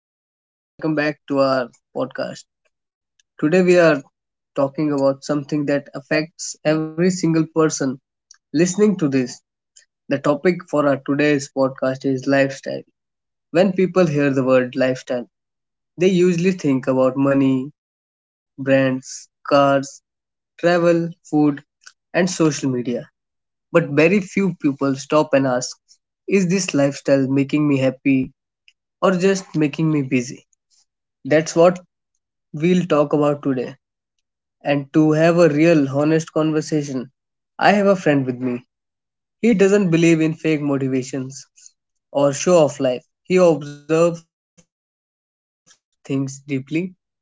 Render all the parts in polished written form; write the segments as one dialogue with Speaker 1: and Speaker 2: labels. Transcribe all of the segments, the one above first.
Speaker 1: everyone, welcome back to our podcast. Today we are talking about something that affects every single person listening to this. The topic for our today's podcast is lifestyle. When people hear the word lifestyle, they usually think about money, brands, cars, travel, food, and social media. But very few people stop and ask, is this lifestyle making me happy or just making me busy? That's what we'll talk about today. And to have a real, honest conversation, I have a friend with me. He doesn't believe in fake motivations or show off life. He observes things deeply and speaks honestly.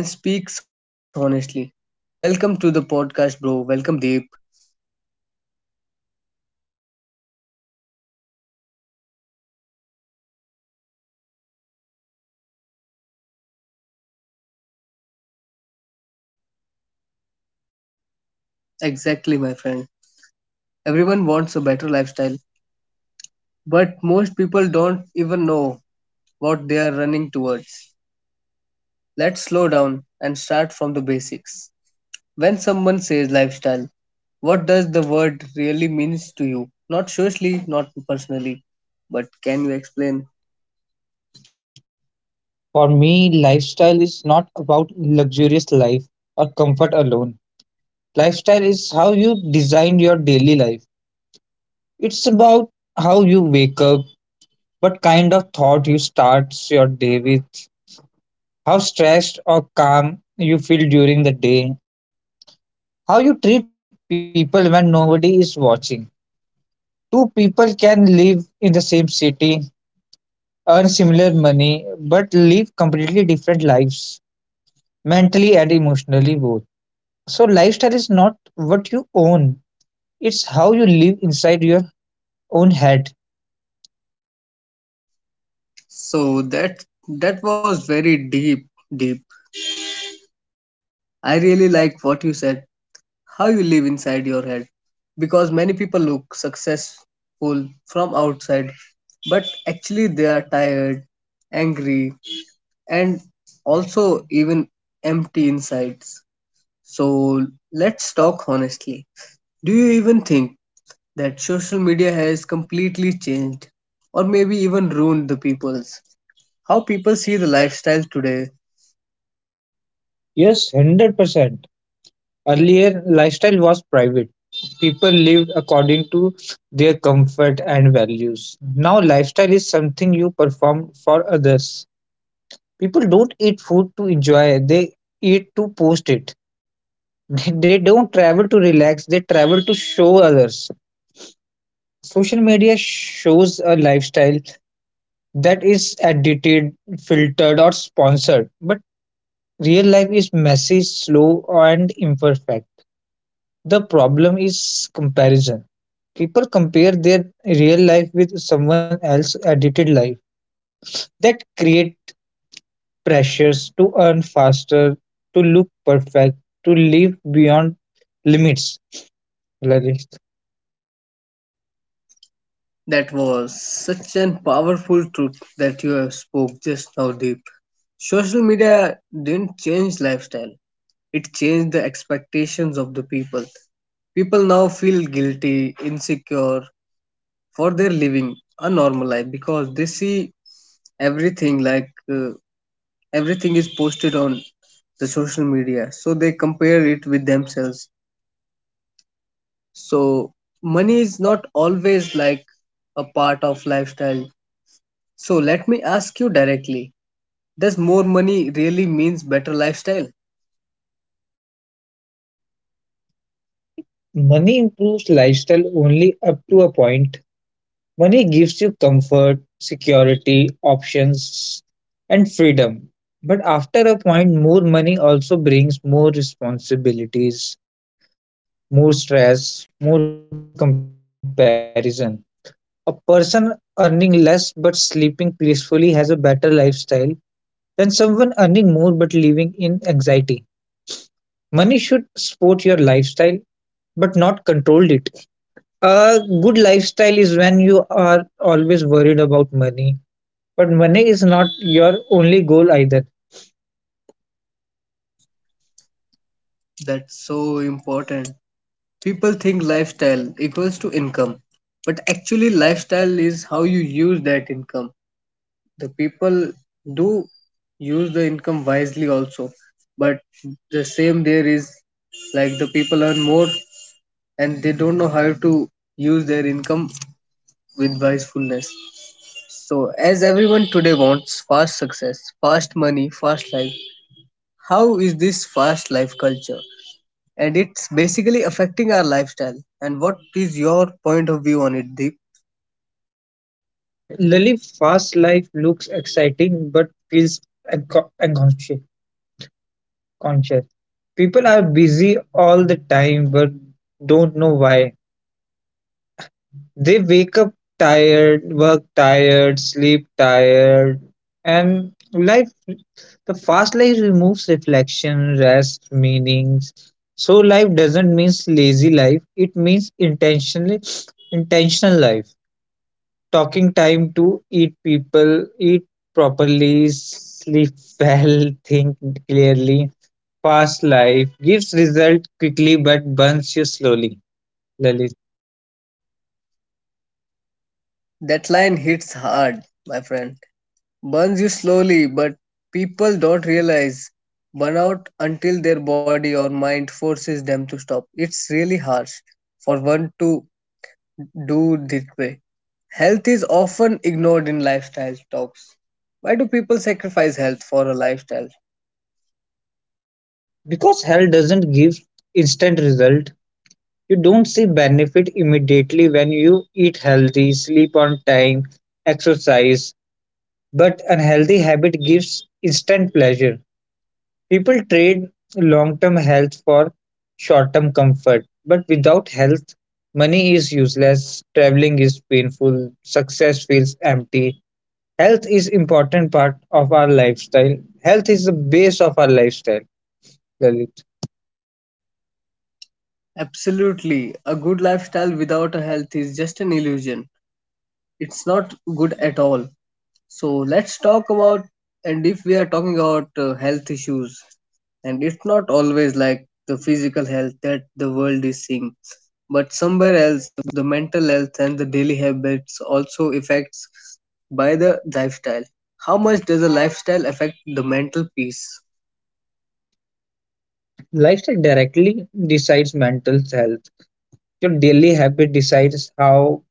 Speaker 1: Welcome to the podcast, bro. Welcome, Deep.
Speaker 2: Thanks, man. Really glad to be here. And honestly, lifestyle is one of those topics everyone talk about, but no one understand properly. Exactly, my
Speaker 1: Exactly, my
Speaker 2: friend.
Speaker 1: friend.
Speaker 2: Everyone
Speaker 1: Everyone
Speaker 2: wants a
Speaker 1: wants a
Speaker 2: better
Speaker 1: better
Speaker 2: lifestyle,
Speaker 1: lifestyle,
Speaker 2: but
Speaker 1: but most people don't even know what they are running towards. Let's slow down and start from the basics. When someone says lifestyle, what does the word really means to you? Not socially, not personally, but can you explain?
Speaker 2: for me, lifestyle is not about luxurious life or comfort alone. Lifestyle is how you design your daily life. It's about how you wake up, what kind of thought you start your day with, how stressed or calm you feel during the day, how you treat people when nobody is watching. Two people can live in the same city, earn similar money, but live completely different lives, mentally and emotionally both. So, lifestyle is not what you own, it's how you live inside your own head.
Speaker 1: So that was very deep, deep. I really like what you said. How you live inside your head because many people look successful from outside but actually they are tired, angry and also even empty insides. So let's talk honestly. Do you even think that social media has completely changed or maybe even ruined the people's? How people see the lifestyle today,
Speaker 2: Yes, 100%. Earlier, lifestyle was private. People lived according to their comfort and values. Now, lifestyle is something you perform for others. People don't eat food to enjoy, they eat to post it. They don't travel to relax, they travel to show others. Social media shows a lifestyle that is edited, filtered, or sponsored, but real life is messy, slow, and imperfect. The problem is comparison. People compare their real life with someone else's edited life. That create pressures to earn faster, to look perfect, to live beyond limits, Lalit.
Speaker 1: that was such an powerful truth that you have spoke just now, deep. Social media didn't change lifestyle. It changed the expectations of the people. People now feel guilty, insecure for their living a normal life because they see everything like everything is posted on the social media, so they compare it with themselves. So money is not always like a part of lifestyle, so let me ask you directly, does more money really means better lifestyle?
Speaker 2: Money improves lifestyle only up to a point. Money gives you comfort, security, options, and freedom. But after a point, more money also brings more responsibilities, more stress, more comparison. A person earning less but sleeping peacefully has a better lifestyle than someone earning more but living in anxiety. Money should support your lifestyle but not control it. A good lifestyle is when you are always worried about money. But money is not your only goal either.
Speaker 1: That's so important. People think lifestyle equals to income, but actually lifestyle is how you use that income. The people do use the income wisely also, but the same there is like the people earn more and they don't know how to use their income with wisefulness. So as everyone today wants fast success, fast money, fast life, how is this fast life culture and it's basically affecting our lifestyle, and what is your point of view on it, deep?
Speaker 2: Lily, fast life looks exciting but feels unconscious. Conscious. People are busy all the time but don't know why. They wake up tired, work tired, sleep tired, and life. The fast life removes reflection, rest, meanings. So life doesn't mean lazy life. It means intentional life. Talking time to eat people, eat properly, sleep well, think clearly. Fast life gives result quickly but burns you slowly, Lalit.
Speaker 1: That line hits hard, my friend. Burns you slowly, but people don't realize burnout until their body or mind forces them to stop. It's really harsh for one to do this way. Health is often ignored in lifestyle talks. Why do people sacrifice health for a lifestyle?
Speaker 2: Because health doesn't give instant result, you don't see benefit immediately when you eat healthy, sleep on time, exercise. But unhealthy habit gives instant pleasure. People trade long-term health for short-term comfort, but without health, money is useless, traveling is painful, success feels empty. Health is important part of our lifestyle. Health is the base of our lifestyle, Lalit.
Speaker 1: Absolutely. A good lifestyle without a health is just an illusion. It's not good at all. So let's talk about, and if we are talking about health issues, and it's not always like the physical health that the world is seeing, but somewhere else, the mental health and the daily habits also affects by the lifestyle. How much does a lifestyle affect the mental peace?
Speaker 2: Lifestyle directly decides mental health. Your daily habit decides how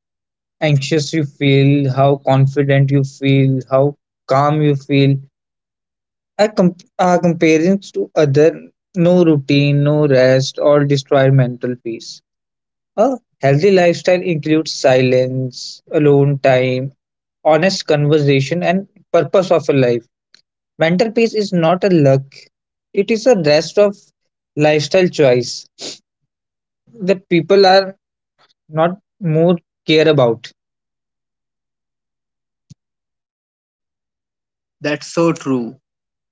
Speaker 2: anxious you feel, how confident you feel, how calm you feel. Our comparisons to other, no routine, no rest, all destroy mental peace. A healthy lifestyle includes silence, alone time, honest conversation, and purpose of a life. Mental peace is not a luck; it is a rest of lifestyle choice that people are not more care about.
Speaker 1: That's so true.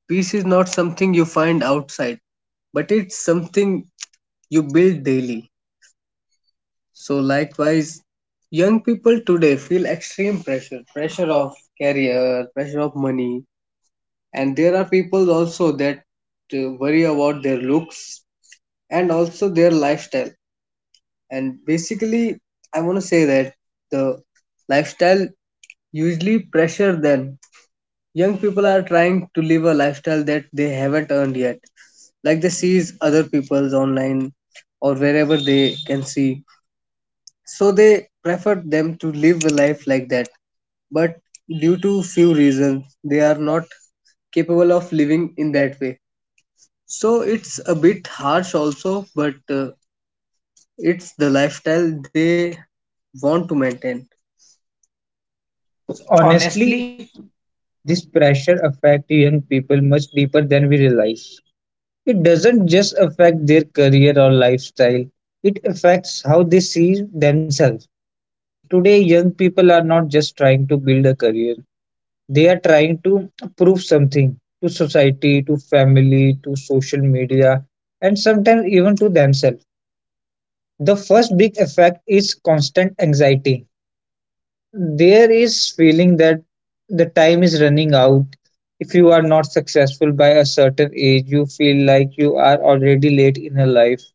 Speaker 1: Peace is not something you find outside, but it's something you build daily. So, likewise, young people today feel extreme pressure of career, pressure of money, and there are people also that worry about their looks and also their lifestyle, and basically I want to say that the lifestyle usually pressure them. Young people are trying to live a lifestyle that they haven't earned yet, like they sees other people's online or wherever they can see, so they prefer them to live a life like that, but due to few reasons they are not capable of living in that way. So it's a bit harsh also, but it's the lifestyle they want to maintain. Honestly,
Speaker 2: Honestly, this pressure affects young people much deeper than we realize. It doesn't just affect their career or lifestyle, it affects how they see themselves. Today, young people are not just trying to build a career, they are trying to prove something to society, to family, to social media, and sometimes even to themselves. The first big effect is constant anxiety. There is feeling that the time is running out. If you are not successful by a certain age, you feel like you are already late in your life.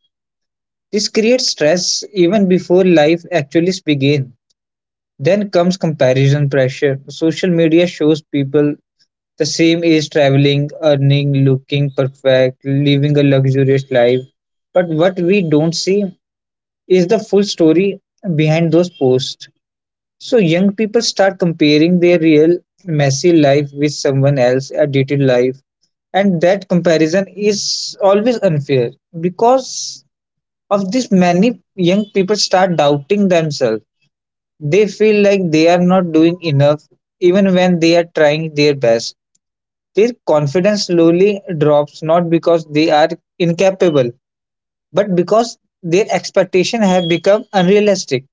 Speaker 2: This creates stress even before life actually begins. Then comes comparison pressure. Social media shows people the same age traveling, earning, looking perfect, living a luxurious life. But what we don't see is the full story behind those posts. So young people start comparing their real messy life with someone else's edited life. And that comparison is always unfair. Because of this, many young people start doubting themselves. They feel like they are not doing enough even when they are trying their best. Their confidence slowly drops, not because they are incapable, but because their expectations have become unrealistic.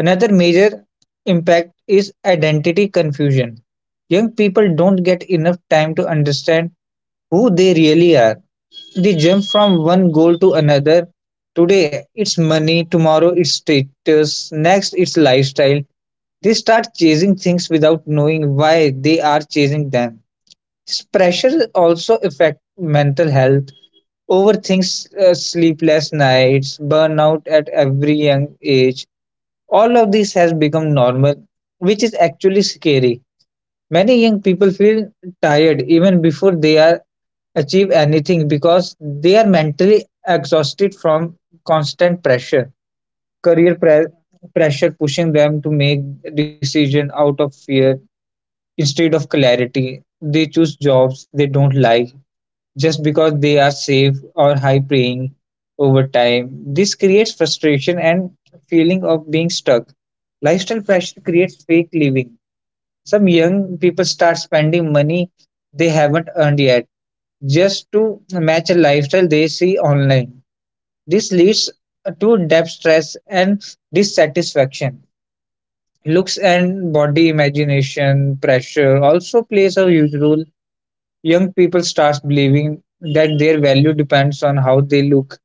Speaker 2: Another major impact is identity confusion. Young people don't get enough time to understand who they really are. They jump from one goal to another. Today it's money, tomorrow it's status, next it's lifestyle. They start chasing things without knowing why they are chasing them. This pressure also affects mental health. Overthinks, sleepless nights, burnout at every young age. All of this has become normal, which is actually scary. Many young people feel tired even before they are achieve anything because they are mentally exhausted from constant pressure. Career pre- pressure pushing them to make decision out of fear instead of clarity. They choose jobs they don't like just because they are safe or high paying over time. This creates frustration and feeling of being stuck. Lifestyle fashion creates fake living. Some young people start spending money they haven't earned yet just to match a lifestyle they see online. This leads to debt stress and dissatisfaction. Looks and body imagination pressure also plays a huge role. Young people start believing that their value depends on how they look.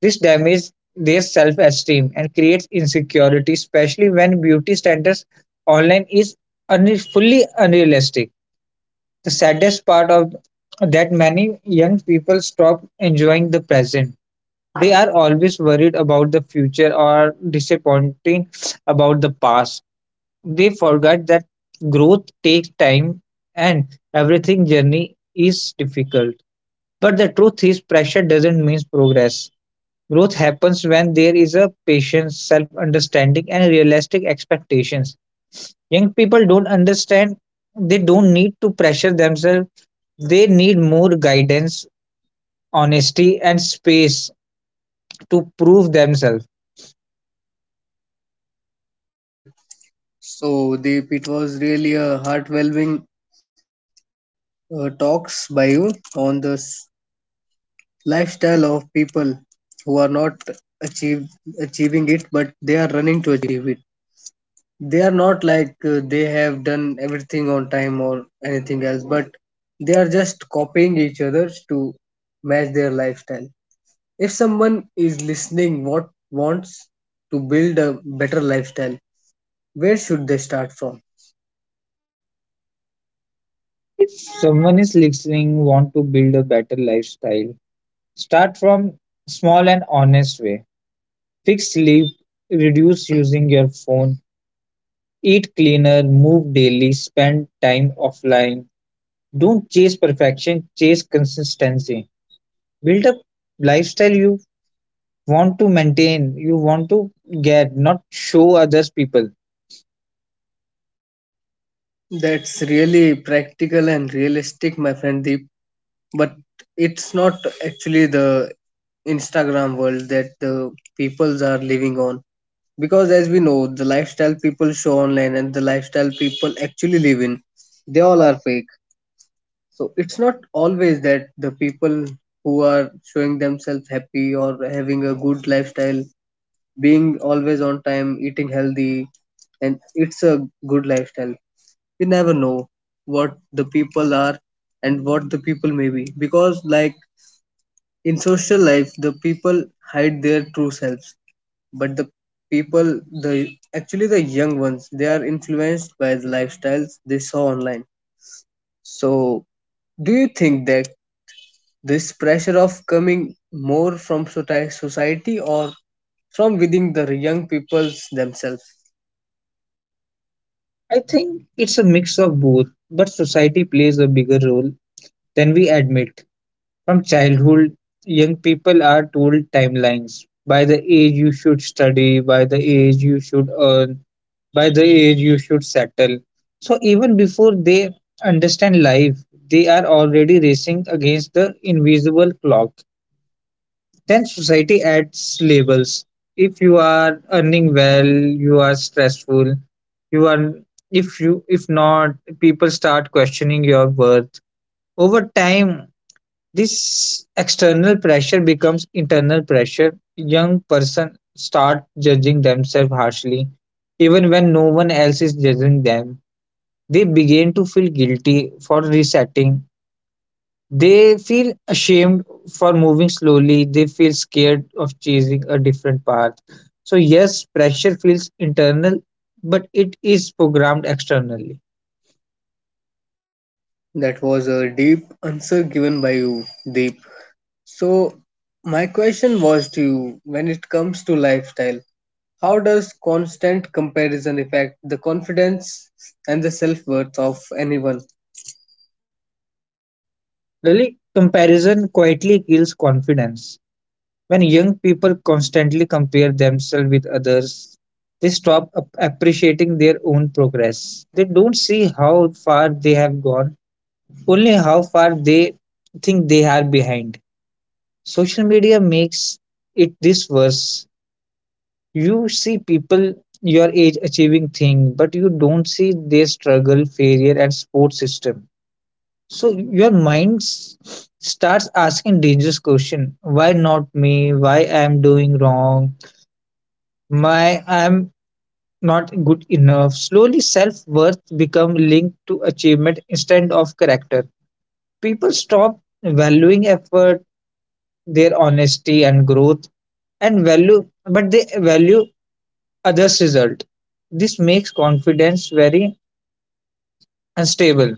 Speaker 2: This damages their self-esteem and creates insecurity, especially when beauty standards online is fully unrealistic. The saddest part of that many young people stop enjoying the present. They are always worried about the future or disappointing about the past. They forget that growth takes time and everything journey is difficult. But the truth is pressure doesn't mean progress. Growth happens when there is a patience, self understanding, and realistic expectations. Young people don't understand, they don't need to pressure themselves, they need more guidance, honesty, and space to prove themselves.
Speaker 1: like, so Deep, it was really a heartwarming talks by you on the lifestyle of people who are not achieve achieving it, but they are running to achieve it. They are not like they have done everything on time or anything else, but they are just copying each other to match their lifestyle. If someone is listening what wants to build a better lifestyle, where should they start from?
Speaker 2: Someone is listening, want to build a better lifestyle. Start from small and honest way. Fix sleep, reduce using your phone, eat cleaner, move daily, spend time offline. Don't chase perfection, chase consistency. Build a lifestyle you want to maintain, you want to get, not show others people.
Speaker 1: That's really practical and realistic, my friend Deep. But it's not actually the Instagram world that the peoples are living on. Because as we know, the lifestyle people show online and the lifestyle people actually live in, they all are fake. So it's not always that the people who are showing themselves happy or having a good lifestyle, being always on time, eating healthy, and it's a good lifestyle. You never know what the people are and what the people may be because, like, in social life, the people hide their true selves, but the people, the actually the young ones, they are influenced by the lifestyles they saw online. So, do you think that this pressure of coming more from society or from within the young peoples themselves?
Speaker 2: I think it's a mix of both, but society plays a bigger role than we admit. From childhood, young people are told timelines. By the age you should study, by the age you should earn, by the age you should settle. So even before they understand life, they are already racing against the invisible clock. Then society adds labels. If you are earning well, you are stressful, you are if not, people start questioning your worth. Over time, this external pressure becomes internal pressure. Young person start judging themselves harshly even when no one else is judging them. They begin to feel guilty for resetting. They feel ashamed for moving slowly. They feel scared of chasing a different path. So, yes, pressure feels internal, but it is programmed externally.
Speaker 1: That was a deep answer given by you, Deep. So, my question was to you, when it comes to lifestyle, how does constant comparison affect the confidence and the self worth of anyone?
Speaker 2: Really, comparison quietly kills confidence. When young people constantly compare themselves with others, they stop appreciating their own progress. They don't see how far they have gone, only how far they think they are behind. Social media makes it this worse. You see people your age achieving things, but you don't see their struggle, failure, and support system. So your starts asking dangerous question. Why not me? Why I am doing wrong? Why I am not good enough? Slowly, self worth become linked to achievement instead of character. People stop valuing effort their honesty and growth and value, but they value others result. This makes confidence very unstable.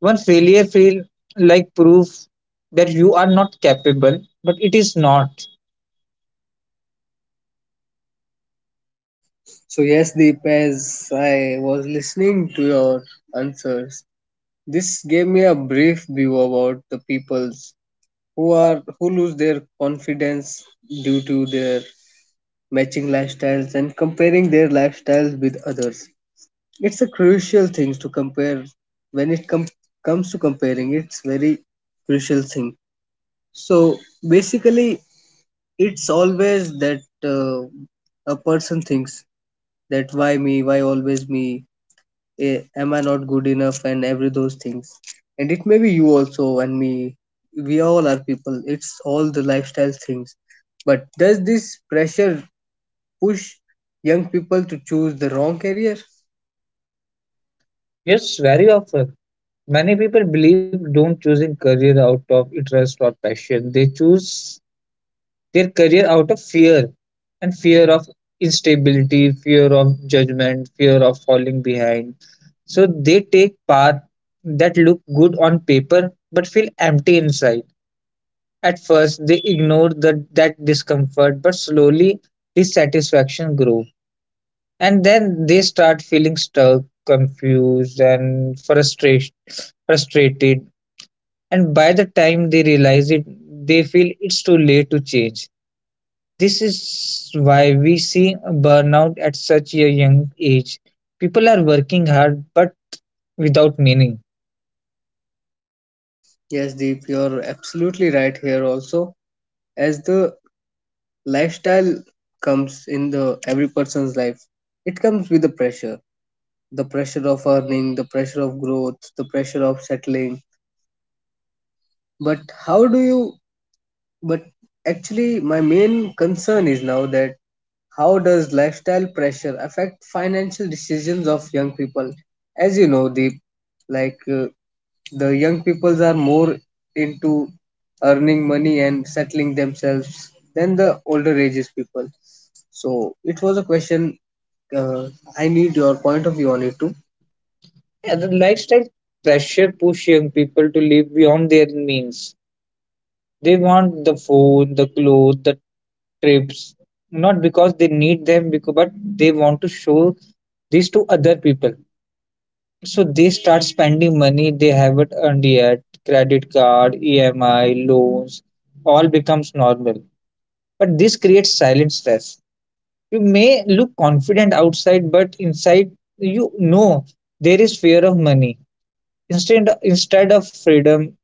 Speaker 2: One failure feel like proof that you are not capable, but it is not.
Speaker 1: So, yes, Deep, as I was listening to your answers, this gave me a brief view about the peoples who are who lose their confidence due to their matching lifestyles and comparing their lifestyles with others. It's a crucial thing to compare when it comes to comparing. It's very crucial thing. So basically, it's always that a person thinks that why me, why always me, eh, am I not good enough, and every those things. And it may be you also and me. We all are people. It's all the lifestyle things. But does this pressure push young people to choose the wrong career?
Speaker 2: Yes, very often many people believe don't choosing career out of interest or passion, they choose their career out of fear, and fear of instability, fear of judgment, fear of falling behind. So they take paths that look good on paper but feel empty inside. At first, they ignore that discomfort, but slowly dissatisfaction grows. And then they start feeling stuck, confused, and frustrated. And by the time they realize it, they feel it's too late to change. This is why we see burnout at such a young age. People are working hard but without meaning.
Speaker 1: Yes, Deep, you're absolutely right here also. As the lifestyle comes in the every person's life, it comes with the pressure. The pressure of earning, the pressure of growth, the pressure of settling. But how do you, but actually my main concern is now that how does lifestyle pressure affect financial decisions of young people? As you know, Deep, like the young peoples are more into earning money and settling themselves than the older ages people. So it was a question. Uh, I need your point of view on it too.
Speaker 2: Yeah, the lifestyle pressure push young people to live beyond their means. They want the phone, the clothes, the trips, not because they need them, because, but they want to show this to other people. So they start spending money they haven't earned yet. Credit card, EMI, loans, all becomes normal. But this creates silent stress. You may look confident outside, but inside you know there is fear of money. Instead of freedom,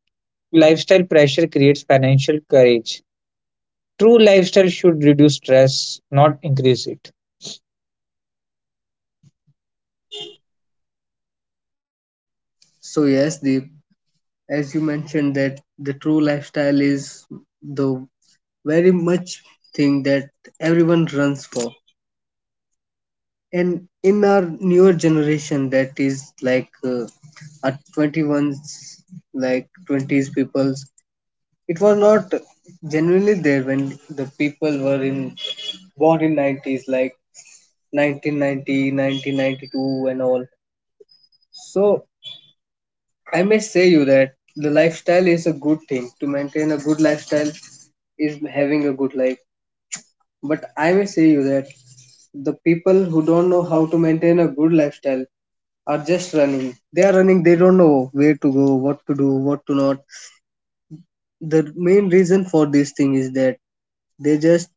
Speaker 2: lifestyle pressure creates financial courage. True lifestyle should reduce stress, not increase it.
Speaker 1: So yes, the, as you mentioned that the true lifestyle is the very much thing that everyone runs for, and in our newer generation that is like our 21s like 20s peoples, it was not genuinely there when the people were in born in 90s, like 1990, 1992 and all. So I may say you that the lifestyle is a good thing to maintain. A good lifestyle is having a good life, but I may say you that the people who don't know how to maintain a good lifestyle are just running. They are running, they don't know where to go, what to do, what to not. The main reason for this thing is that they just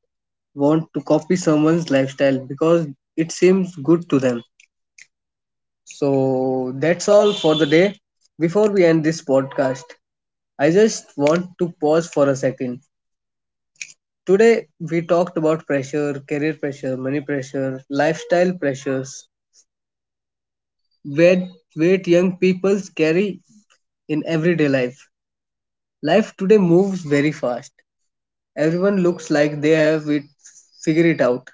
Speaker 1: want to copy someone's lifestyle because it seems good to them. So that's all for the day. Before we end this podcast, I just want to pause for a second. Today we talked about pressure, career pressure, money pressure, lifestyle pressures, weight weight young people carry in everyday life. Life today moves very fast. Everyone looks like they have it figured it out.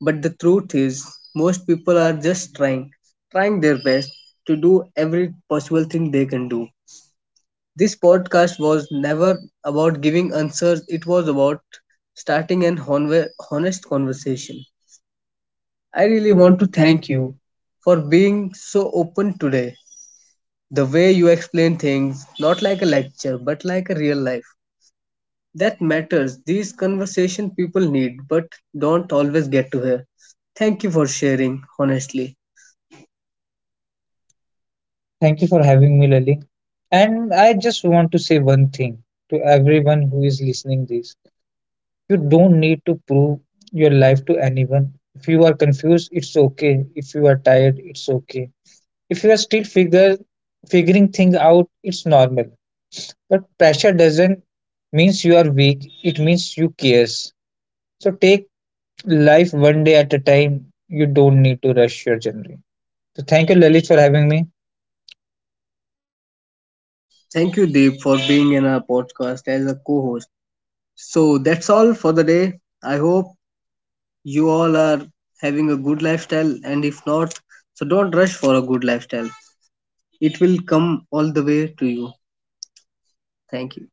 Speaker 1: But the truth is, most people are just trying, trying their best to do every possible thing they can do. This podcast was never about giving answers, it was about starting an honest conversation. I
Speaker 2: I
Speaker 1: really
Speaker 2: really
Speaker 1: want
Speaker 2: want
Speaker 1: to
Speaker 2: to
Speaker 1: thank
Speaker 2: thank
Speaker 1: you
Speaker 2: you.
Speaker 1: for being so open today. The way you explain things, not like a lecture, but like a real life. That matters. These conversation people need, but don't always get to hear. Thank you for sharing, honestly.
Speaker 2: Thank you for having me, Lali. And I just want to say one thing to everyone who is listening this. You don't need to prove your life to anyone. If you are confused, it's okay. If you are tired, it's okay. If you are still figure figuring things out, it's normal. But pressure doesn't means you are weak. It means you cares. So take life one day at a time. You don't need to rush your journey. So thank you, Lalit, for having me.
Speaker 1: Thank you, Deep, for being in our podcast as a co host. So that's all for the day. I hope you all are having a good lifestyle, and if not, so don't rush for a good lifestyle. It will come all the way to you. Thank you.